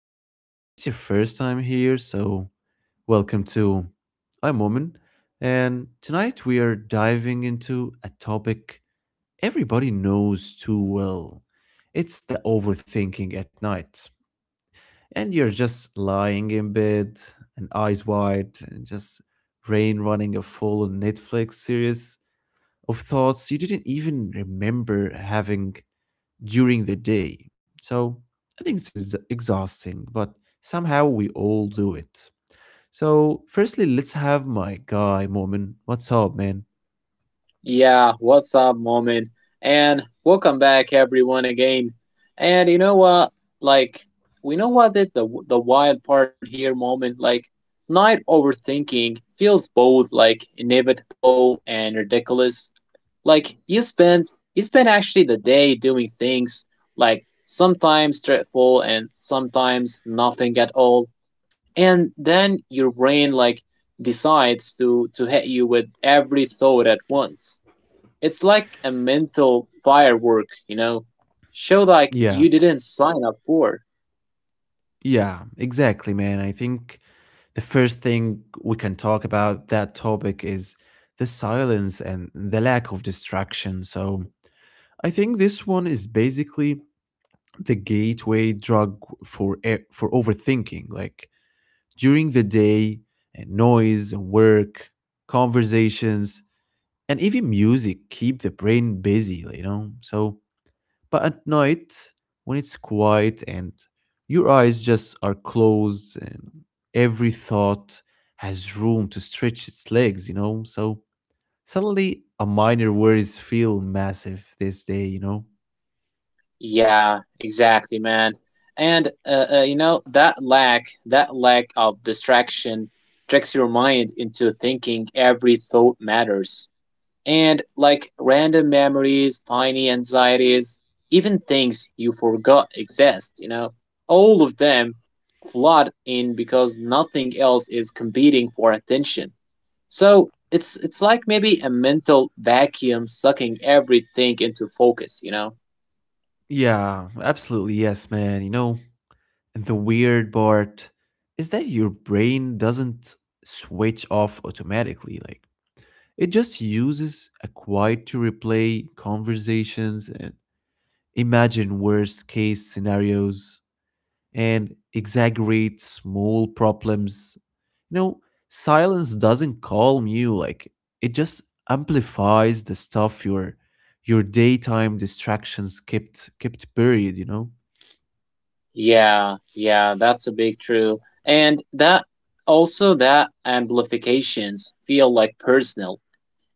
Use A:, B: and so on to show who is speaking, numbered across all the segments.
A: Or if it's your first time here, so welcome to I'm Woman. And tonight we are diving into a topic everybody knows too well. It's the overthinking at night. And you're just lying in bed and eyes wide and just brain running a full Netflix series of thoughts you didn't even remember having during the day. So I think this is exhausting, but somehow we all do it. So, firstly, let's have my guy, Mormon. What's up, man?
B: Yeah, what's up, moment? And welcome back, everyone, again. And you know what? Like, we know what that the wild part here, moment. Like, night overthinking feels both like inevitable and ridiculous. Like, you spend actually the day doing things like sometimes dreadful and sometimes nothing at all. And then your brain like decides to hit you with every thought at once. It's like a mental firework, you know? Show like
A: Yeah,
B: you didn't sign up for.
A: yeah, exactly, man. I think the first thing we can talk about that topic is the silence and the lack of distraction. So, I think this one is basically the gateway drug for for overthinking. Like during the day, and noise, and work, conversations, and even music keep the brain busy, you know? So, but at night, when it's quiet and your eyes just are closed and every thought has room to stretch its legs, you know? So, suddenly a minor worries feel massive this day, you know?
B: Yeah, exactly, man. And you know that lack of distraction tricks your mind into thinking every thought matters. And like random memories, tiny anxieties, even things you forgot exist, all of them flood in because nothing else is competing for attention. So it's like maybe a mental vacuum sucking everything into focus, you know?
A: Yeah, absolutely. Yes, man. You know, and the weird part is that your brain doesn't switch off automatically. Like it just uses a quiet to replay conversations and imagine worst case scenarios and exaggerate small problems. You know, silence doesn't calm you, like it just amplifies the stuff your daytime distractions kept buried, you know?
B: Yeah, yeah, that's a big true. And that also that amplifications feel like personal.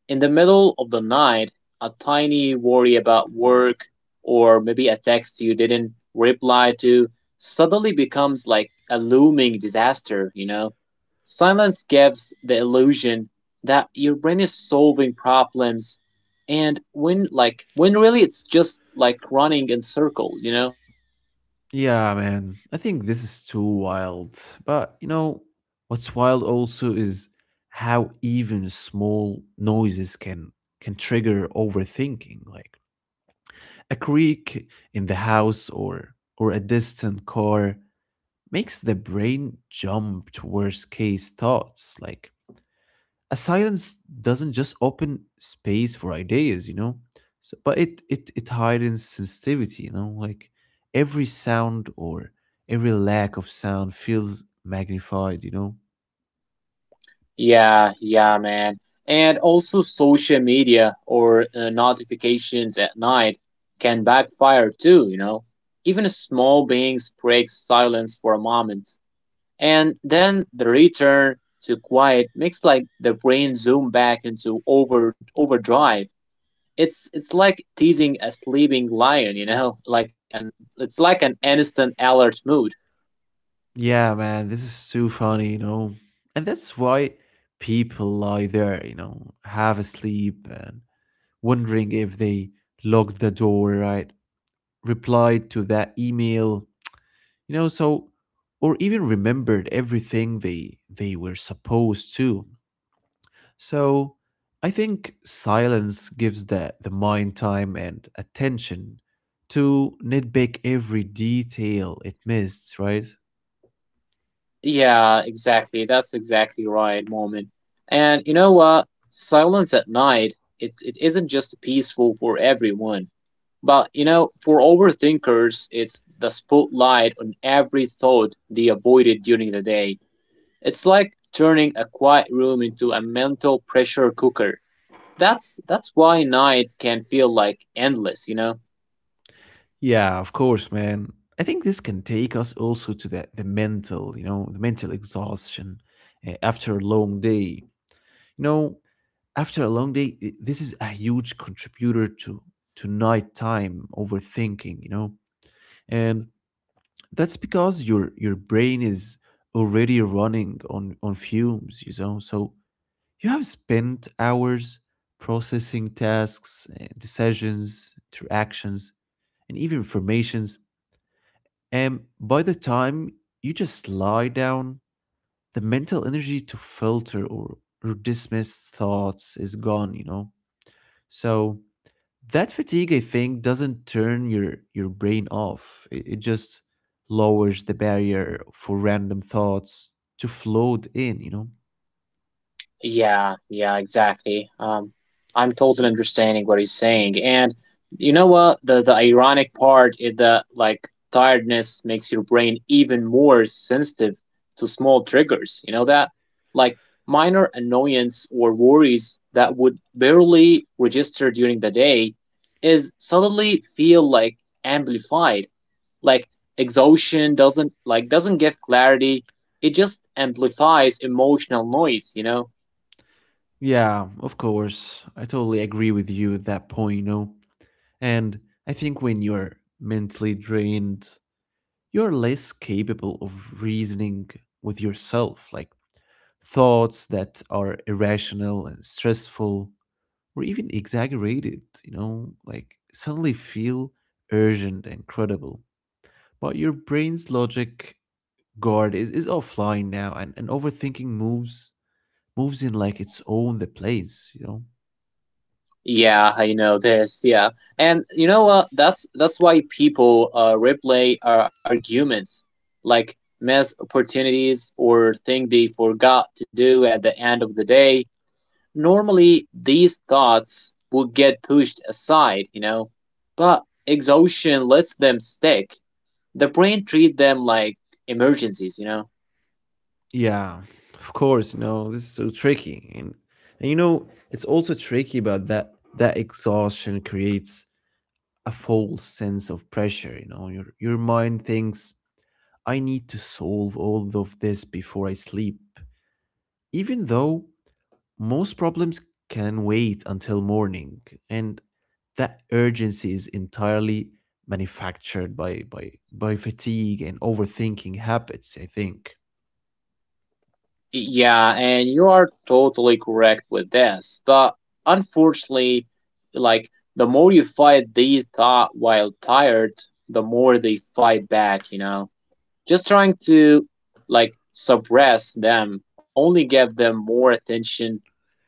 B: In the middle of the night, a tiny worry about work or maybe a text you didn't reply to suddenly becomes like a looming disaster, you know? Silence gives the illusion that your brain is solving problems, and when like when really it's just like running in circles, you know?
A: Yeah, man. I think this is too wild. But, you know, what's wild also is how even small noises can trigger overthinking. Like a creak in the house or a distant car makes the brain jump to worst case thoughts like a silence doesn't just open space for ideas, you know, so, but it hardens sensitivity, you know, like every sound or every lack of sound feels magnified, you know.
B: Yeah, yeah, man. And also, social media or notifications at night can backfire too, you know? Even a small beings breaks silence for a moment. And then the return to quiet makes like the brain zoom back into overdrive. It's like teasing a sleeping lion, you know? Like an It's like an instant alert mood.
A: Yeah, man, this is too funny, you know, and that's why people lie there, you know, half asleep and wondering if they locked the door right, replied to that email, you know. So or even remembered everything they were supposed to. So I think silence gives the mind time and attention to nitpick every detail it missed, right?
B: Yeah, exactly. That's exactly right, Moment. And you know what? Silence at night, it isn't just peaceful for everyone. But you know, for overthinkers, it's the spotlight on every thought they avoided during the day. It's like turning a quiet room into a mental pressure cooker. That's why night can feel like endless, you know?
A: Yeah, of course, man. I think this can take us also to the mental, you know, the mental exhaustion after a long day, you know. After a long day, this is a huge contributor to nighttime overthinking, you know. And that's because your brain is already running on fumes, you know. So you have spent hours processing tasks, decisions, interactions, and even informations. And by the time you just lie down, the mental energy to filter or dismiss thoughts is gone, you know. So that fatigue I think doesn't turn your brain off, it just lowers the barrier for random thoughts to float in, you know.
B: Yeah, yeah, exactly. I'm totally understanding what he's saying, and you know what? The ironic part is that like tiredness makes your brain even more sensitive to small triggers. You know that, like minor annoyance or worries that would barely register during the day, is suddenly feel like amplified. Like exhaustion doesn't like doesn't give clarity. It just amplifies emotional noise, you know.
A: Yeah, of course, I totally agree with you at that point, you know. And I think when you're mentally drained, you're less capable of reasoning with yourself. Like thoughts that are irrational and stressful or even exaggerated, you know, like suddenly feel urgent and credible. But your brain's logic guard is offline now, and overthinking moves in like it's own the place, you know?
B: Yeah, I know this. Yeah, and you know what? That's why people replay arguments, like miss opportunities or thing they forgot to do at the end of the day. Normally, these thoughts would get pushed aside, you know, but exhaustion lets them stick. The brain treat them like emergencies, you know.
A: Yeah, of course, you know, this is so tricky. And you know, it's also tricky about that exhaustion creates a false sense of pressure, you know. Your mind thinks I need to solve all of this before I sleep. Even though most problems can wait until morning, and that urgency is entirely manufactured by, by fatigue and overthinking habits, I think.
B: Yeah, and you are totally correct with this. But unfortunately, like the more you fight these thought while tired, the more they fight back, you know. Just trying to like suppress them, only give them more attention,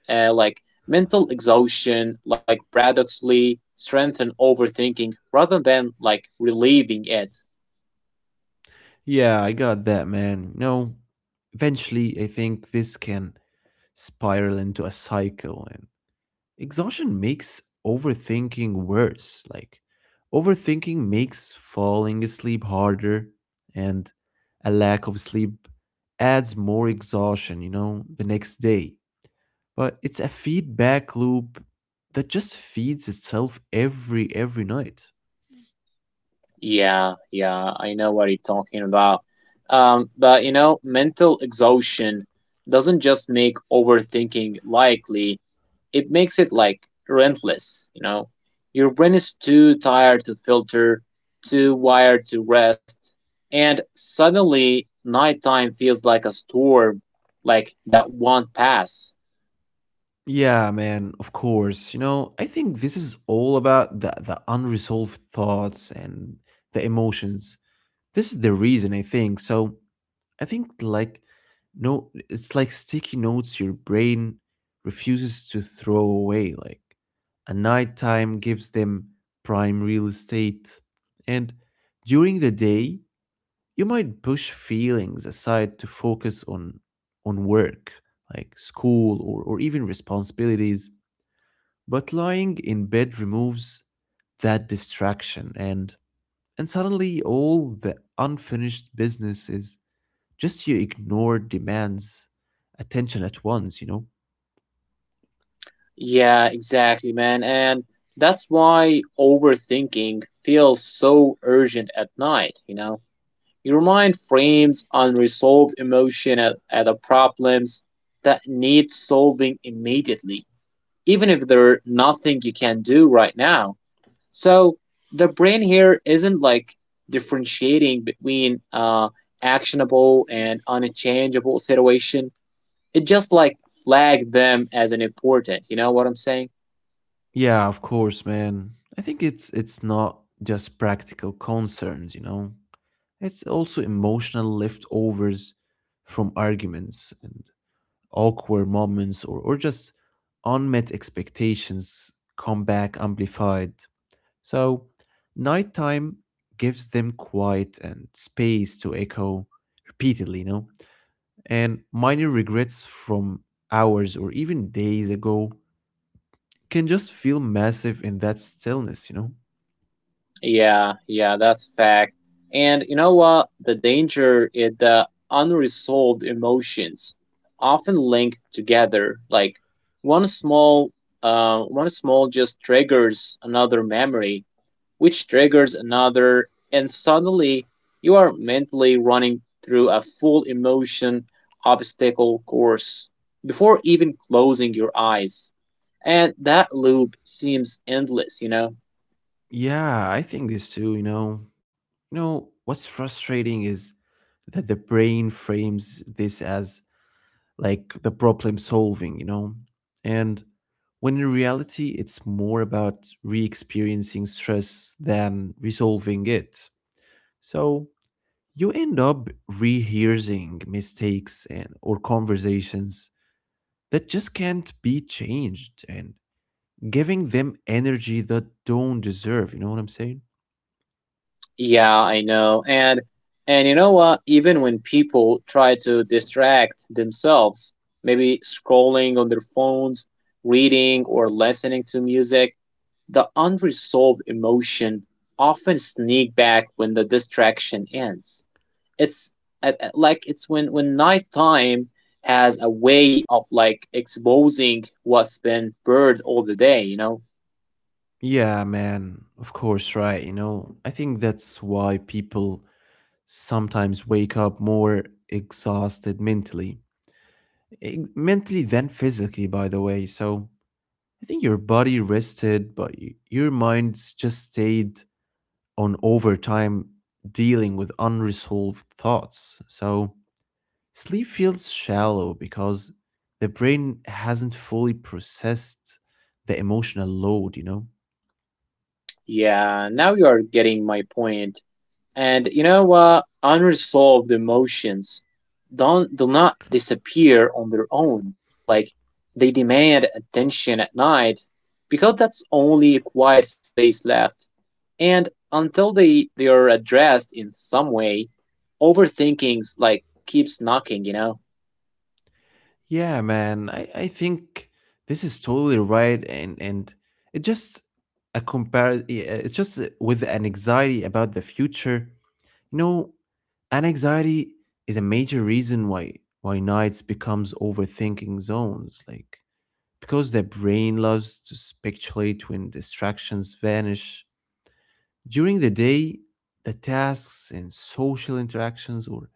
B: like mental exhaustion, like paradoxically strengthen overthinking rather than like relieving it.
A: Yeah, I got that, man. No, eventually, I think this can spiral into a cycle, and exhaustion makes overthinking worse. Like, overthinking makes falling asleep harder, and a lack of sleep adds more exhaustion, you know, the next day. But it's a feedback loop that just feeds itself every night.
B: Yeah, yeah, I know what you're talking about. But you know, mental exhaustion doesn't just make overthinking likely, it makes it like relentless, you know. Your brain is too tired to filter, too wired to rest, and suddenly nighttime feels like a storm, like that won't pass.
A: Yeah, man, of course. You know, I think this is all about the unresolved thoughts and the emotions. This is the reason I think. So I think like no, it's like sticky notes your brain refuses to throw away. Like a nighttime gives them prime real estate, and during the day you might push feelings aside to focus on work, like school or even responsibilities. But lying in bed removes that distraction and suddenly all the unfinished business is just you ignore demands attention at once, you know?
B: Yeah, exactly, man. And that's why overthinking feels so urgent at night, you know. Your mind frames unresolved emotion at the problems that need solving immediately, even if there's nothing you can do right now. So the brain here isn't like differentiating between actionable and unchangeable situation. It just like flag them as an important. You know what I'm saying?
A: Yeah, of course, man. I think it's not just practical concerns, you know. It's also emotional leftovers from arguments and awkward moments or just unmet expectations come back amplified. So nighttime gives them quiet and space to echo repeatedly, you know? And minor regrets from hours or even days ago can just feel massive in that stillness, you know?
B: Yeah, yeah, that's a fact. And you know what? The danger is the unresolved emotions often linked together. Like one small, one small just triggers another memory, which triggers another, and suddenly you are mentally running through a full emotion obstacle course before even closing your eyes. And that loop seems endless, you know?
A: Yeah, I think this too, you know. You know, what's frustrating is that the brain frames this as like the problem solving, you know? And when in reality, it's more about re experiencing stress than resolving it. So you end up rehearsing mistakes and or conversations that just can't be changed and giving them energy that don't deserve, you know what I'm saying?
B: Yeah, I know. And you know what? Even when people try to distract themselves, maybe scrolling on their phones, reading or listening to music, the unresolved emotion often sneak back when the distraction ends. It's like it's when nighttime has a way of like exposing what's been buried all the day, you know?
A: Yeah, man, of course, right? You know, I think that's why people sometimes wake up more exhausted mentally, mentally than physically, by the way. So I think your body rested but your mind's just stayed on overtime dealing with unresolved thoughts. So sleep feels shallow because the brain hasn't fully processed the emotional load, you know?
B: Yeah, now you are getting my point. And you know what? Unresolved emotions don't do not disappear on their own. Like they demand attention at night because that's only a quiet space left. And until they are addressed in some way, overthinkings like keeps knocking, you know?
A: Yeah, man, I think this is totally right. And it just a compare, it's just with an anxiety about the future, you know, and anxiety is a major reason why nights becomes overthinking zones like because the brain loves to speculate when distractions vanish. During the day, the tasks and social interactions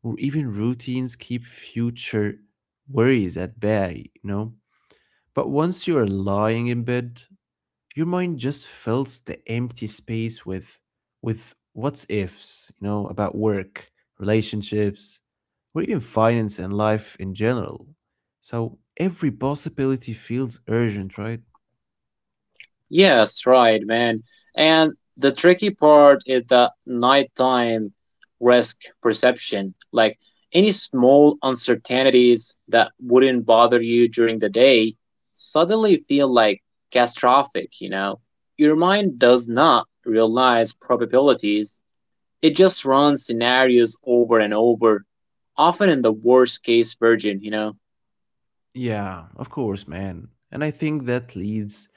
A: or even routines keep future worries at bay, you know? But once you are lying in bed, your mind just fills the empty space with what's ifs, you know, about work, relationships, or even finance and life in general. So every possibility feels urgent, right?
B: Yes, right, man. And the tricky part is the nighttime risk perception. Like any small uncertainties that wouldn't bother you during the day suddenly feel like catastrophic, you know? Your mind does not realize probabilities, it just runs scenarios over and over, often in the worst case version, you know?
A: Yeah, of course, man. And I think that leads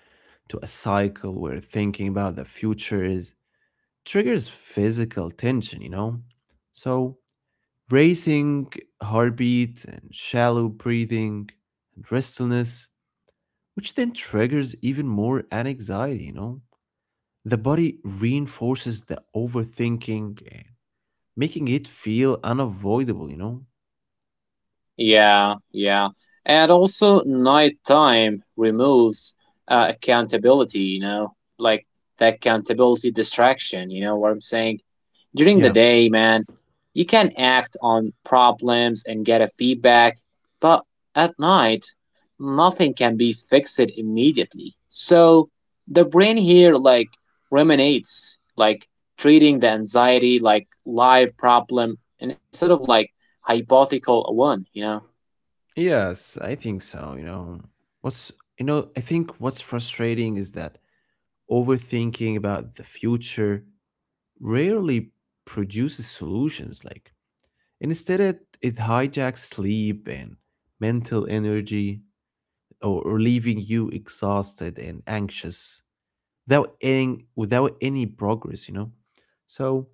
A: to a cycle where thinking about the future is triggers physical tension, you know? So, racing heartbeat and shallow breathing and restlessness, which then triggers even more anxiety, you know? The body reinforces the overthinking and making it feel unavoidable, you know?
B: Yeah, yeah. And also, nighttime removes accountability, you know, like the accountability distraction, you know what I'm saying? During the
A: Yeah.
B: day, man, you can act on problems and get a feedback, but at night, nothing can be fixed immediately. So the brain here, like, ruminates, like, treating the anxiety like live problem instead of like hypothetical one, you know?
A: Yes, I think so, you know. What's you know, I think what's frustrating is that overthinking about the future rarely produces solutions. Like instead, it hijacks sleep and mental energy, or leaving you exhausted and anxious without any progress. You know, so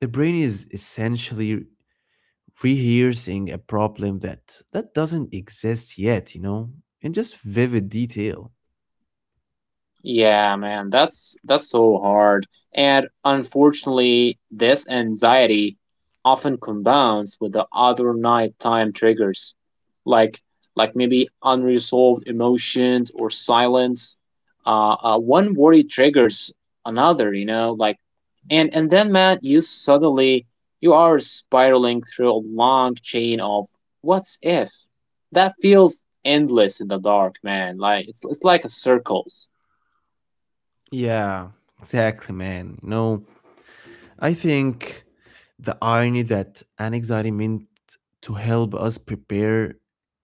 A: the brain is essentially rehearsing a problem that doesn't exist yet. You know, in just vivid detail.
B: Yeah, man, that's so hard. And unfortunately, this anxiety often compounds with the other nighttime triggers, like like maybe unresolved emotions or silence. One worry triggers another, you know, like and then man, you are spiraling through a long chain of what's if. That feels endless in the dark, man. Like it's like a circles.
A: Yeah, exactly, man. You know I think the irony that anxiety meant to help us prepare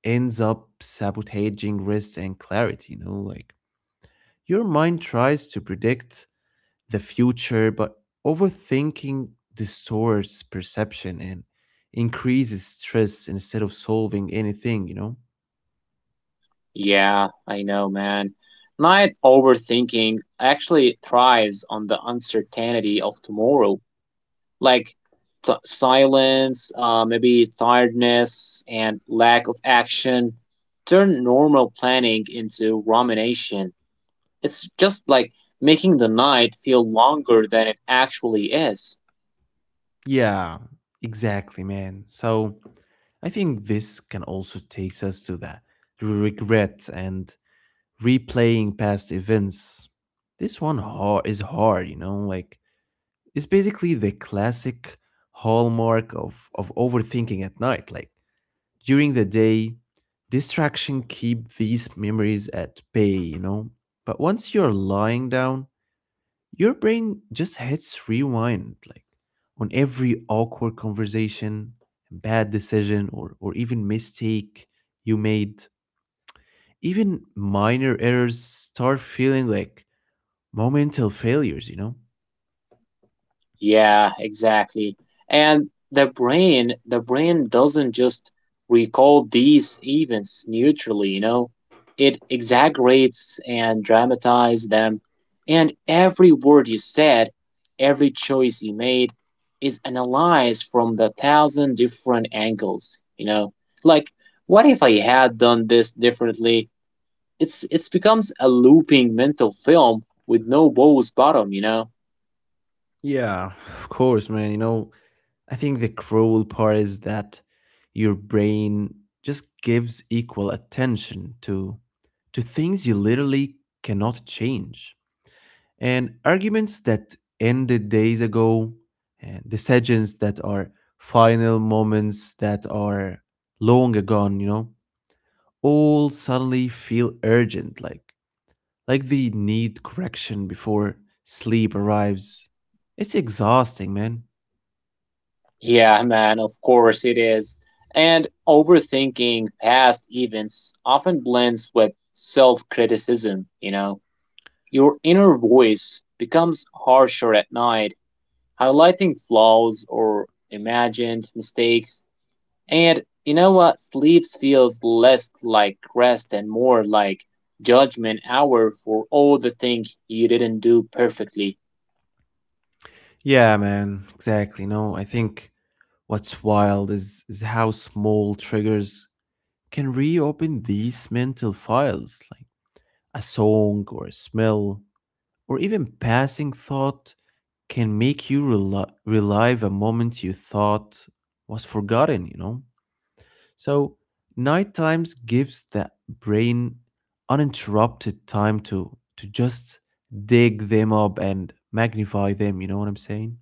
A: ends up sabotaging rest and clarity, you know, like your mind tries to predict the future, but overthinking distorts perception and increases stress instead of solving anything, you know?
B: Yeah, I know, man. Night overthinking actually thrives on the uncertainty of tomorrow, like silence, maybe tiredness, and lack of action. Turn normal planning into rumination. It's just like making the night feel longer than it actually is.
A: Yeah, exactly, man. So I think this can also takes us to the regret and replaying past events. This one hard, is hard, you know, like it's basically the classic hallmark of overthinking at night. Like during the day, distraction keep these memories at bay, you know. But once you're lying down, your brain just hits rewind, like on every awkward conversation, bad decision, or even mistake you made, even minor errors start feeling like momental failures, you know?
B: Yeah, exactly. And the brain doesn't just recall these events neutrally, you know. It exaggerates and dramatizes them. And every word you said, every choice you made is analyzed from the thousand different angles, you know. Like, what if I had done this differently? It's becomes a looping mental film with no bow's bottom, you know.
A: Yeah, of course, man. You know, I think the cruel part is that your brain just gives equal attention to things you literally cannot change. And arguments that ended days ago, and decisions that are final moments that are long gone, you know, all suddenly feel urgent, like we need correction before sleep arrives. It's exhausting, man.
B: Yeah, man, of course it is. And overthinking past events often blends with self criticism, you know. Your inner voice becomes harsher at night, highlighting flaws or imagined mistakes. And you know what? Sleep feels less like rest and more like judgment hour for all the things you didn't do perfectly.
A: Yeah, man, exactly. No, I think what's wild is how small triggers can reopen these mental files, like a song or a smell or even passing thought can make you relive a moment you thought was forgotten, you know? So night times gives the brain uninterrupted time to just dig them up and magnify them, you know what I'm saying?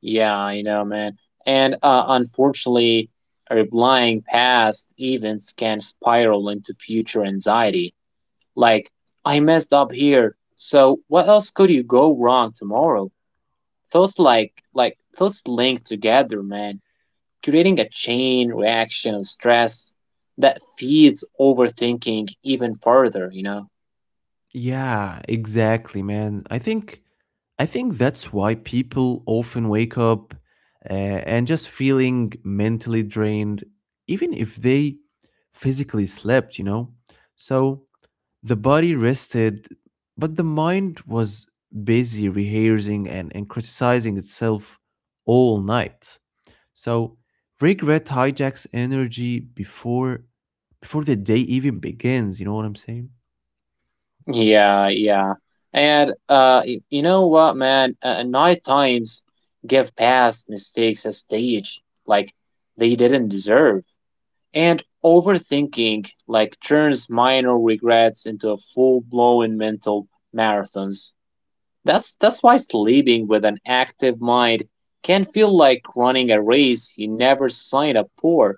B: Yeah, I know, man. And unfortunately, replying past events can spiral into future anxiety. Like, I messed up here, so what else could you go wrong tomorrow? Thoughts like thoughts linked together, man, creating a chain reaction of stress that feeds overthinking even further, you know?
A: Yeah, exactly, man. I think that's why people often wake up uh, and just feeling mentally drained even if they physically slept, you know? So the body rested, but the mind was busy rehearsing and criticizing itself all night. So regret hijacks energy before the day even begins, you know what I'm saying?
B: Yeah, yeah. And you know what, man? Night times give past mistakes a stage like they didn't deserve. And overthinking like turns minor regrets into full-blown mental marathons. That's why sleeping with an active mind can feel like running a race you never signed up for.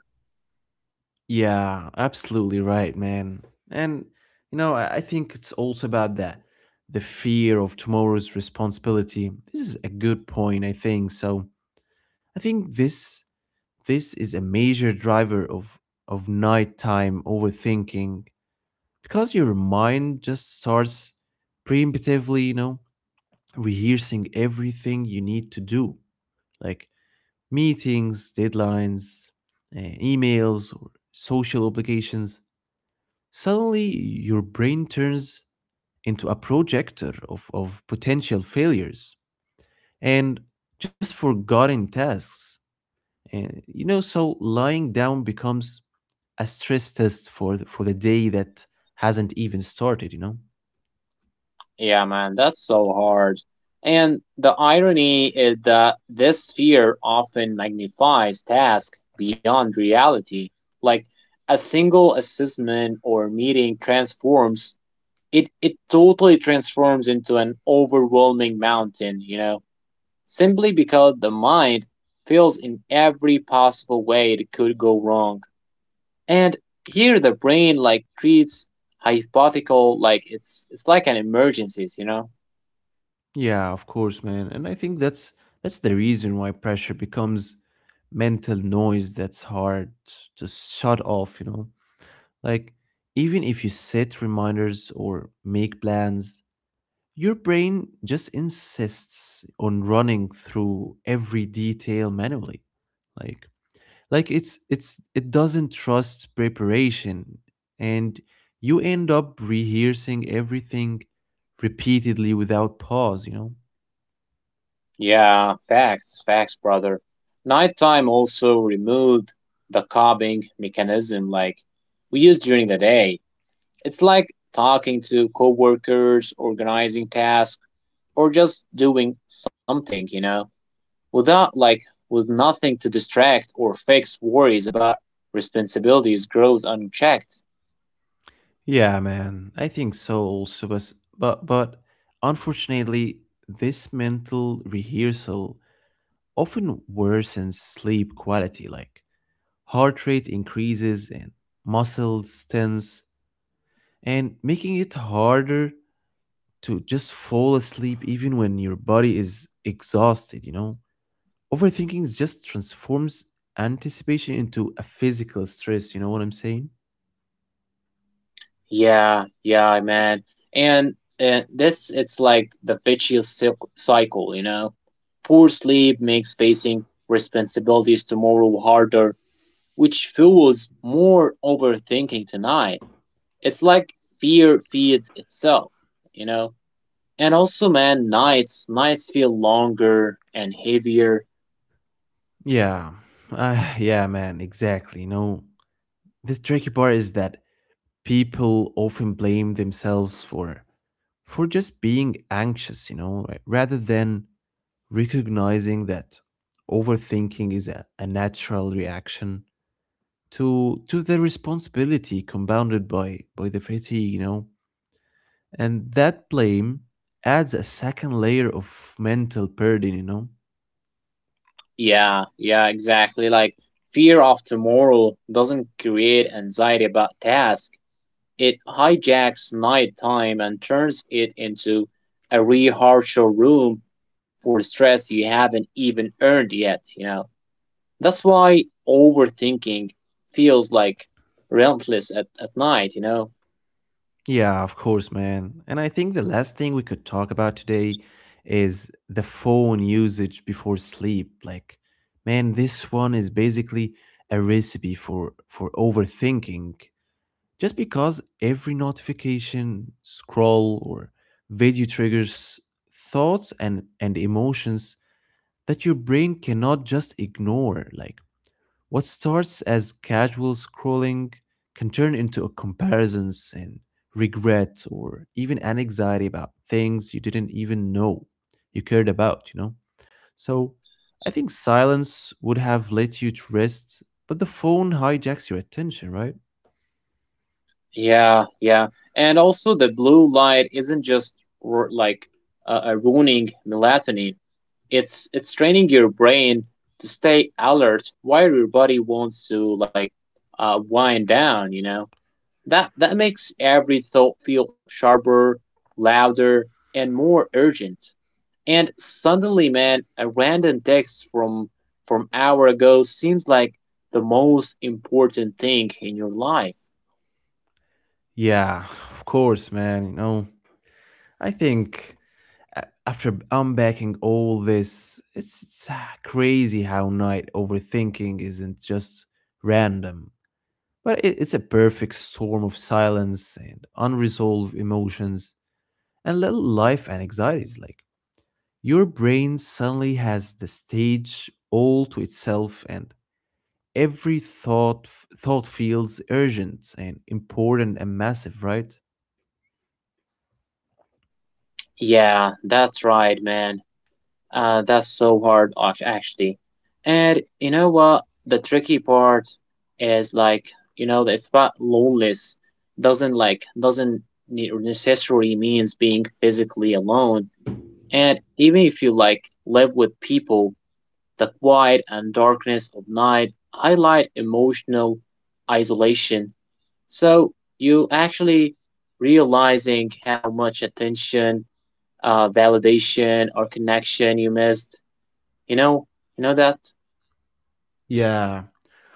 A: Yeah, absolutely right, man. And you know, I think it's also about that. The fear of tomorrow's responsibility. This is a good point, I think. So I think this is a major driver of nighttime overthinking because your mind just starts preemptively, rehearsing everything you need to do, like meetings, deadlines, emails, or social obligations. Suddenly, your brain turns into a projector of potential failures and just forgotten tasks. And so lying down becomes a stress test for the day that hasn't even started, you know?
B: Yeah, man, that's so hard. And the irony is that this fear often magnifies tasks beyond reality. Like a single assessment or meeting transforms it it totally transforms into an overwhelming mountain, you know, simply because the mind feels in every possible way it could go wrong. And here the brain like treats hypothetical like it's like an emergencies, you know?
A: Yeah, of course, man. And I think that's the reason why pressure becomes mental noise that's hard to shut off, you know? Like even if you set reminders or make plans, your brain just insists on running through every detail manually. Like like it doesn't trust preparation, and you end up rehearsing everything repeatedly without pause.
B: Yeah, facts, facts, brother. Nighttime also removed the coping mechanism like we use during the day. It's like talking to coworkers, organizing tasks, or just doing something, you know, without with nothing to distract or fix worries about responsibilities grows unchecked.
A: Yeah, man, I think so also, but unfortunately, this mental rehearsal often worsens sleep quality, like heart rate increases and muscles tense and making it harder to just fall asleep even when your body is exhausted, you know? Overthinking is just transforms anticipation into a physical stress, you know what I'm saying?
B: Yeah, yeah, man. And this it's like the vicious cycle, you know. Poor sleep makes facing responsibilities tomorrow harder, which fuels more overthinking tonight. It's like fear feeds itself, you know. And also, man, nights feel longer and heavier.
A: Yeah. Yeah, man, exactly. You know, the tricky part is that people often blame themselves for just being anxious, you know, right? Rather than recognizing that overthinking is a natural reaction to the responsibility compounded by the fatigue, you know, and that blame adds a second layer of mental burden, you know.
B: Yeah, yeah, exactly. Like fear of tomorrow doesn't create anxiety about tasks. It hijacks nighttime and turns it into a rehearsal room for stress you haven't even earned yet, you know. That's why overthinking feels like relentless at night, you know.
A: Yeah, of course, man. And I think the last thing we could talk about today is the phone usage before sleep. Like, man, this one is basically a recipe for overthinking just because every notification scroll or video triggers thoughts and emotions that your brain cannot just ignore. Like what starts as casual scrolling can turn into a comparisons and regret or even an anxiety about things you didn't even know you cared about, you know? So I think silence would have let you to rest, but the phone hijacks your attention, right?
B: Yeah, yeah. And also, the blue light isn't just ruining melatonin. It's training your brain to stay alert while your body wants to wind down, you know. That makes every thought feel sharper, louder, and more urgent. And suddenly, man, a random text from an hour ago seems like the most important thing in your life.
A: Yeah, of course, man, you know. I think after unpacking all this, it's crazy how night overthinking isn't just random, but it's a perfect storm of silence and unresolved emotions and little life and anxieties. Like your brain suddenly has the stage all to itself, and every thought feels urgent and important and massive, right?
B: Yeah, that's right, man. That's so hard, actually. And you know what? The tricky part is like, you know, it's about loneliness. Doesn't necessarily means being physically alone. And even if you like live with people, the quiet and darkness of night highlight emotional isolation. So you actually realizing how much attention, validation, or connection you missed. You know, you know that.
A: Yeah,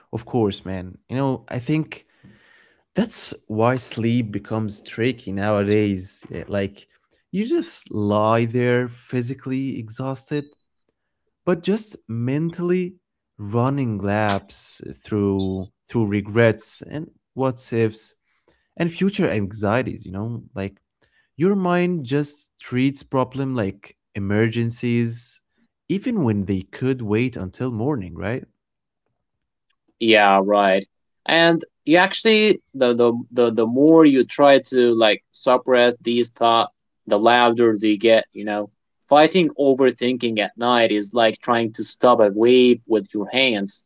A: of course, man. You know, I think that's why sleep becomes tricky nowadays. Yeah. Like, you just lie there physically exhausted, but just mentally running laps through regrets and what ifs and future anxieties, you know? Like your mind just treats problem like emergencies even when they could wait until morning, right?
B: Yeah, right. And you actually the more you try to like suppress these thoughts, the louder they get, you know. Fighting overthinking at night is like trying to stop a wave with your hands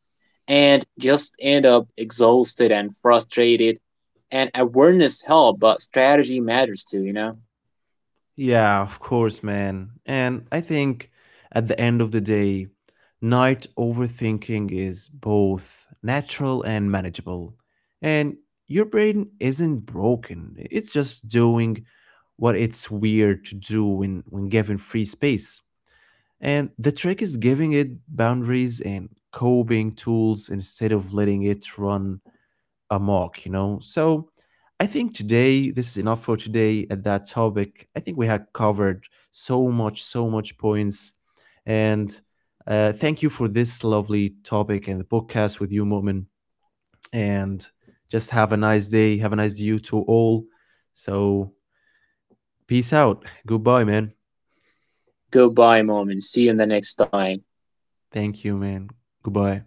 B: and just end up exhausted and frustrated. And awareness help, but strategy matters too, you know.
A: Yeah, of course, man. And I think at the end of the day, night overthinking is both natural and manageable. And your brain isn't broken. It's just doing what it's weird to do when given free space. And the trick is giving it boundaries and coping tools instead of letting it run a mock, you know? So I think today, this is enough for today at that topic. I think we had covered so much, so much points. And thank you for this lovely topic and the podcast with you, Moment. And just have a nice day. Have a nice day to all. So peace out. Goodbye, man.
B: Goodbye, mom, and see you in the next time.
A: Thank you, man. Goodbye.